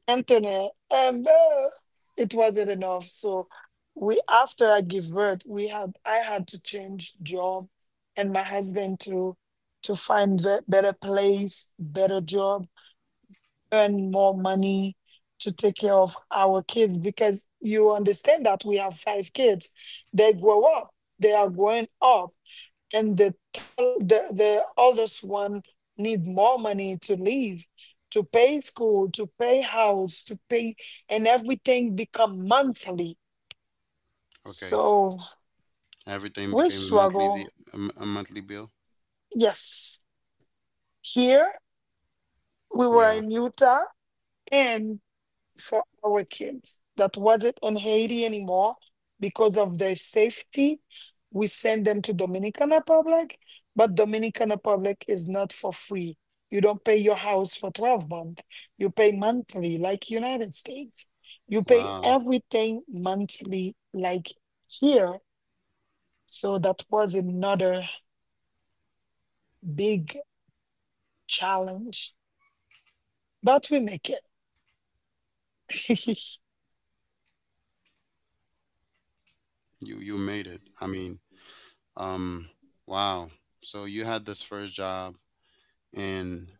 Anthony, it wasn't enough. So we after I give birth, we had I had to change job, and my husband to find a better place, better job, earn more money to take care of our kids, because you understand that we have five kids. They grow up, they are growing up, and the oldest one need more money to live, to pay school, to pay house, to pay, and everything become monthly.
[LAUGHS] okay,
So
everything
we
became a monthly the
struggle.
a monthly bill.
Yes, here we were
Yeah,
in Utah, and for our kids that wasn't in Haiti anymore because of their safety. We send them to Dominican Republic, but Dominican Republic is not for free. You don't pay your house for 12 months. You pay monthly like United States. You pay
wow,
everything monthly like here. So that was another big challenge, but we make it.
you made it. I mean, um, wow. So you had this first job, and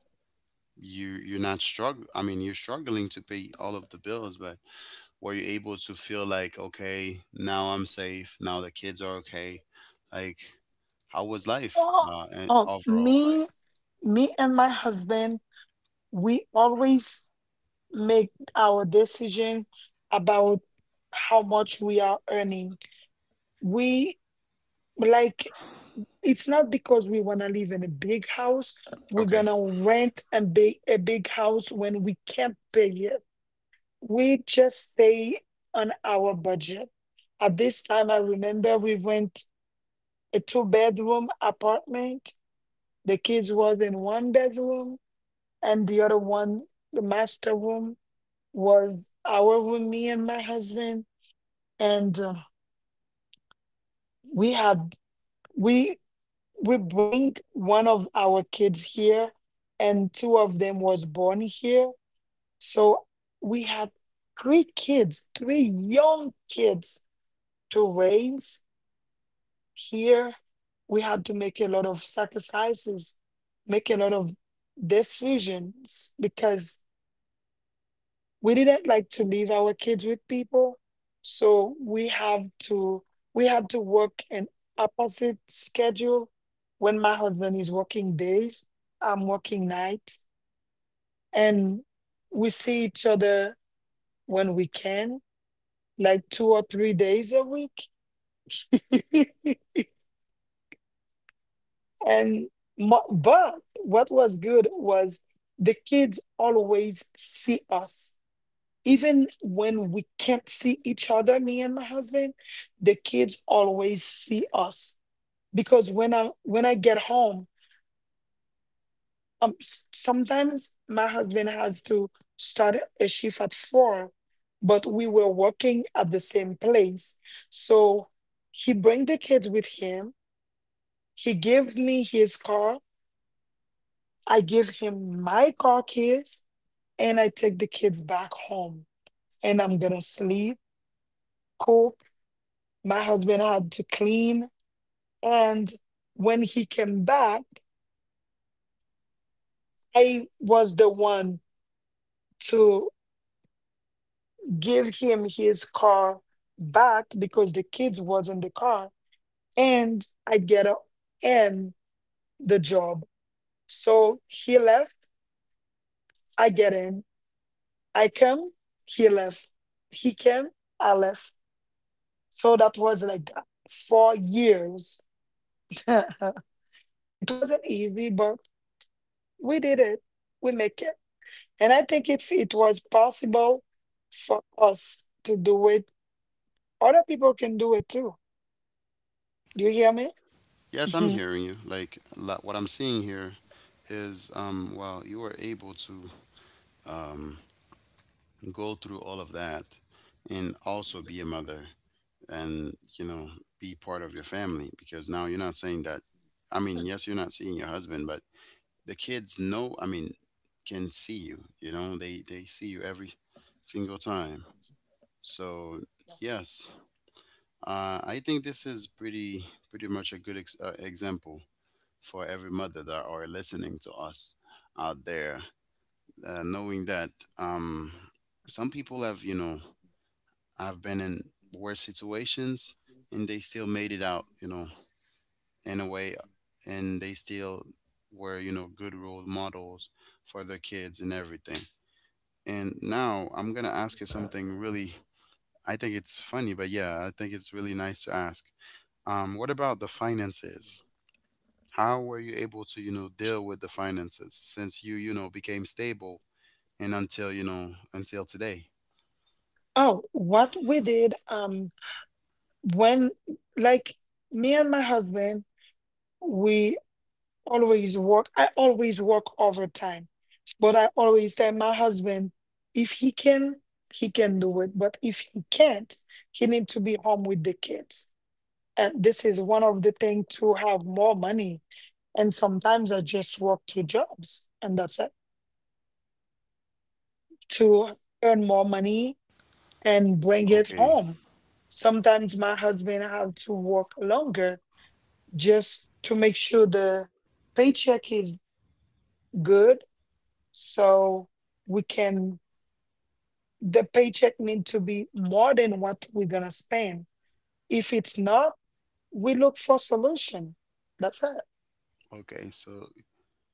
you you're not struggle I mean you're struggling to pay all of the bills, but were you able to feel like, okay, now I'm safe, now the kids are okay, like, how was
[LAUGHS]
life
Oh,
and
oh,
overall like,
me, me and my husband, we always make our decision about how much we are earning. We, like, it's not because we want to live in a big house, we're
okay,
gonna rent a big house when we can't pay it. We just stay on our budget. At this time, I remember we rent a two-bedroom apartment. The kids was in one bedroom, and the other one, the master room, was our with me and my husband, and we had we we bring one of our kids here, and two of them was born here, so we had three kids, three young kids to raise here. We had to make a lot of sacrifices, make a lot of decisions because we didn't like to leave our kids with people, so we had to work an opposite schedule. When my husband is working days, I'm working nights, and we see each other when we can, like 2 or 3 days a week. [LAUGHS] And but what was good was the kids always see us. Even when we can't see each other, me and my husband, the kids always see us, because when I get home, sometimes my husband has to start a shift at four, but we were working at the same place, so he bring the kids with him, he gives me his car, I give him my car keys, and I take the kids back home, and I'm gonna sleep, cook. My husband had to clean. And when he came back, I was the one to give him his car back, because the kids was in the car, and I get up and the job. So he left, I get in. I come, he left. He came, I left. So that was like that. 4 years. [LAUGHS] It wasn't easy, but we did it. We make it. And I think if it was possible for us to do it, other people can do it too. Do you hear me?
yes, I'm
Mhm.
hearing you like what I'm seeing here is, well, you were able to um go through all of that and also be a mother and, you know, be part of your family because now you're not saying that, I mean, yes, you're not seeing your husband, but the kids know, I mean, can see you, you know, they see you every single time. So yes, I think this is pretty pretty much a good example for every mother that are listening to us out there, knowing that um some people have, you know, have been in worse situations and they still made it out, you know, in a way, and they still were, you know, good role models for their kids and everything. And now I'm gonna ask you something really. I think it's funny, but yeah, I think it's really nice to ask. What about the finances? How were you able to, you know, deal with the finances since you know, became stable and until, you know, until today?
Oh, what we did, when, like, me and my husband, we always work. I always work overtime, but I always tell my husband if he can, he can do it. But if he can't, he need to be home with the kids. And this is one of the things to have more money. And sometimes I just work two jobs and that's it, to earn more money and bring it
Okay.
home. Sometimes my husband have to work longer just to make sure the paycheck is good, so we can, the paycheck need to be more than what we're gonna spend. If it's not, we look for solution. That's it.
Okay. So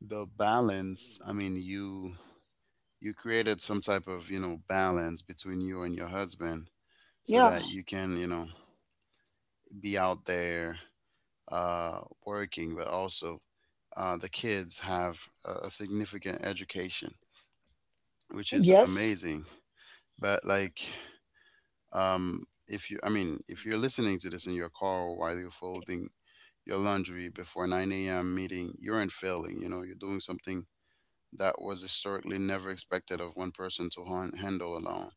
the balance, I mean, you created some type of, you know, balance between you and your husband so
Yeah.
that you can, you know, be out there working, but also the kids have a significant education, which is
Yes.
amazing. But like, if you, I mean, if you're listening to this in your car while you're folding your laundry before 9 a.m. meeting, you aren't failing. You know, you're doing something that was historically never expected of one person to handle alone.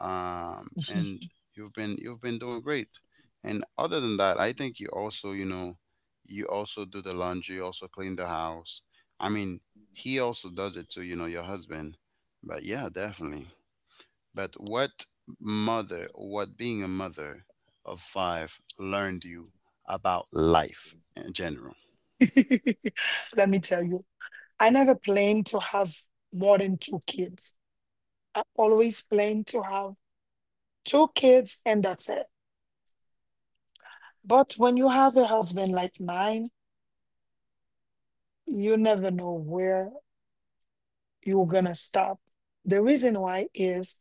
[LAUGHS]
And you've been doing great. And other than that, I think you also, you know, you also do the laundry, you also clean the house. I mean, he also does it too, you know, your husband. But yeah, definitely. But what being a mother of five learned you about life in general?
Let me tell you. I never planned to have more than two kids. I always planned to have two kids and that's it. But when you have a husband like mine, you never know where you're gonna stop. The reason why is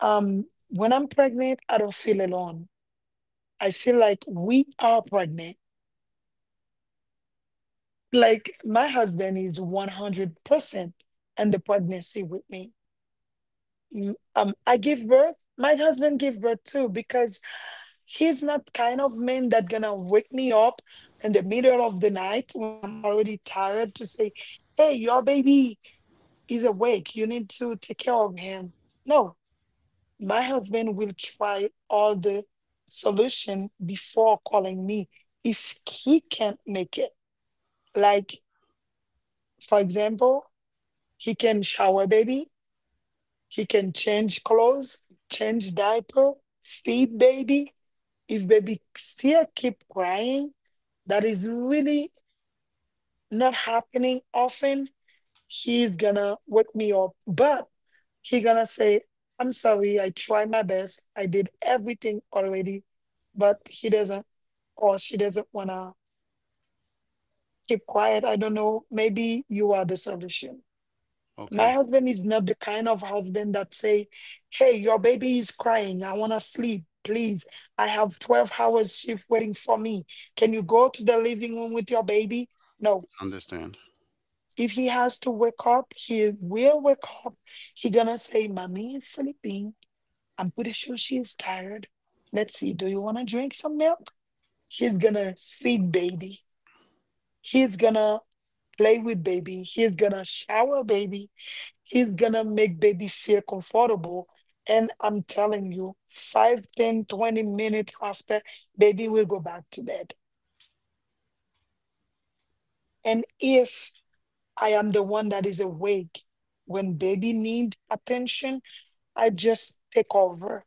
when I'm pregnant, I don't feel alone. I feel like we are pregnant. Like my husband is 100% in the pregnancy with me. Mm. I give birth, my husband gave birth too, because he's not kind of man that gonna wake me up in the middle of the night when I'm already tired to say, "Hey, your baby is awake. You need to take care of him." No, my husband will try all the solution before calling me if he can't make it. Like, for example, he can shower baby. He can change clothes, change diaper, feed baby. If baby still keep crying, that is really not happening often. He's gonna wake me up, but he gonna say, "I'm sorry. I tried my best. I did everything already, but he doesn't or she doesn't wanna keep quiet. I don't know. Maybe you are the solution." My
Okay,
husband is not the kind of husband that say, "Hey, your baby is crying. I want to sleep. Please, I have 12 hours shift waiting for me. Can you go to the living room with your baby?" No.
understand.
If he has to wake up, he will wake up. He gonna say, "Mommy is sleeping. I'm pretty sure she is tired. Let's see. Do you want to drink some milk?" He's gonna feed baby. He's gonna play with baby. He's gonna shower baby. He's gonna make baby feel comfortable. And I'm telling you, 5, 10, 20 minutes after, baby will go back to bed. And if I am the one that is awake when baby needs attention, I just take over.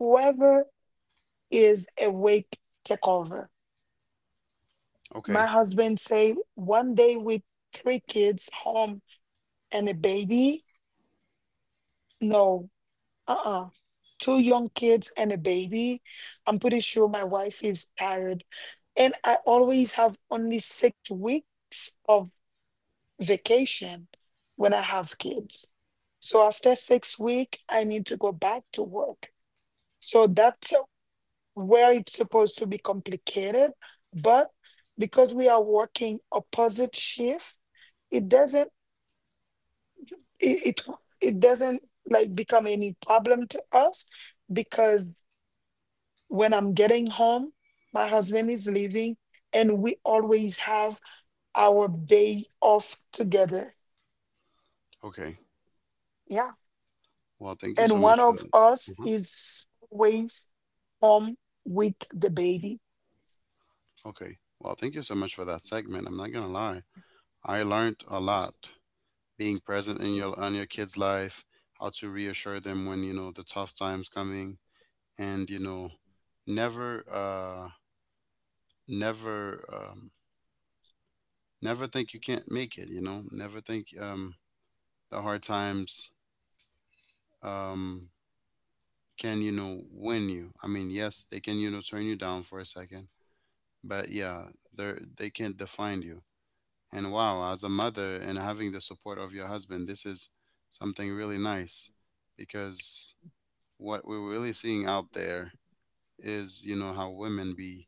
Whoever is awake, take over.
Okay,
My husband say one day with three kids home and a baby. No, uh-uh. Two young kids and a baby. I'm pretty sure my wife is tired. And I always have only 6 weeks of vacation when I have kids. So after 6 weeks, I need to go back to work. So that's where it's supposed to be complicated. But because we are working opposite shift, it doesn't it, it it doesn't like become any problem to us because when I'm getting home, my husband is leaving, and we always have our day off together.
okay.
Yeah.
Well, thank you so
And one
much for
of
that.
us
Mhm.
is always home with the baby.
Okay. Well, thank you so much for that segment. I'm not gonna lie. I learned a lot being present in your on your kids' life, how to reassure them when, you know, the tough times coming, and you know, never, uh, never, um, never think you can't make it. You know, never think, the hard times, um, can, you know, win you. I mean, yes, they can, you know, turn you down for a second, but yeah, they can't define you. And wow, as a mother and having the support of your husband, this is something really nice because what we're really seeing out there is, you know, how women be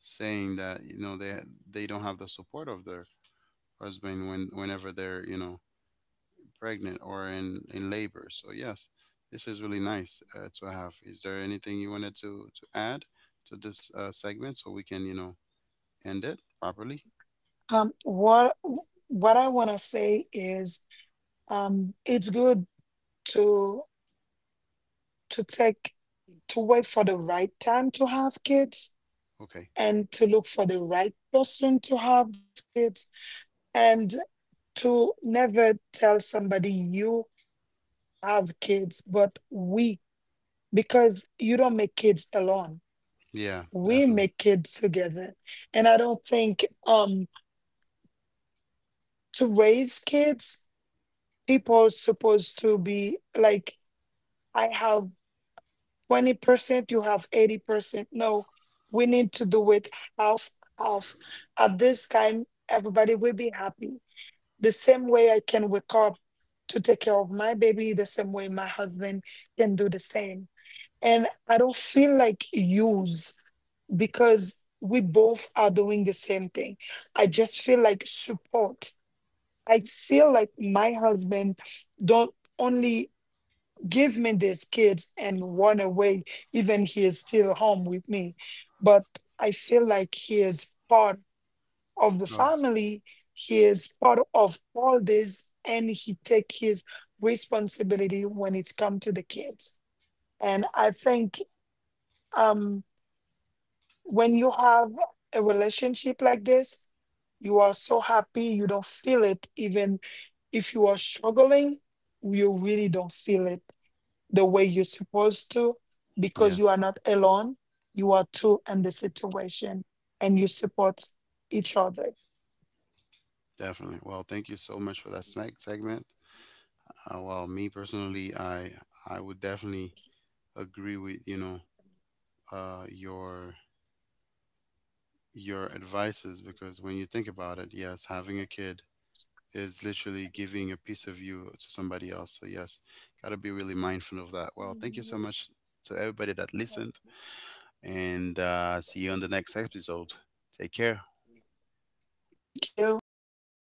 saying that, you know, they don't have the support of their husband when whenever they're, you know, pregnant or in labor. So yes, this is really nice to have. Is there anything you wanted to add to this segment so we can, you know, end it properly?
Um, what what I want to say is, it's good to to take to wait for the right time to have kids
Okay,
and to look for the right person to have these kids and to never tell somebody you have kids, but we, because you don't make kids alone.
yeah,
We
definitely,
make kids together. And I don't think to raise kids, people are supposed to be like, I have 20%, you have 80%. No, we need to do it half, half. At this time, everybody will be happy. The same way I can wake up to take care of my baby, the same way my husband can do the same and I don't feel like used. Because we both are doing the same thing. I just feel like support. I feel like my husband don't only give me these kids and run away, even he is still home with me. But I feel like he is part of the
of,
family. He is part of all this and he take his responsibility when it's come to the kids. And I think um when you have a relationship like this, you are so happy, you don't feel it. Even if you are struggling, you really don't feel it the way you're supposed to because you are
yes,
not alone. You are two in the situation and you support each other.
definitely. Well, thank you so much for that segment. Well, me personally, I would definitely agree with, you know, uh, your your advices, because when you think about it, yes, having a kid is literally giving a piece of you to somebody else. So yes, gotta be really mindful of that. Well, thank you so much to everybody that listened, and see you on the next episode. Take care.
Thank you. Bye bye.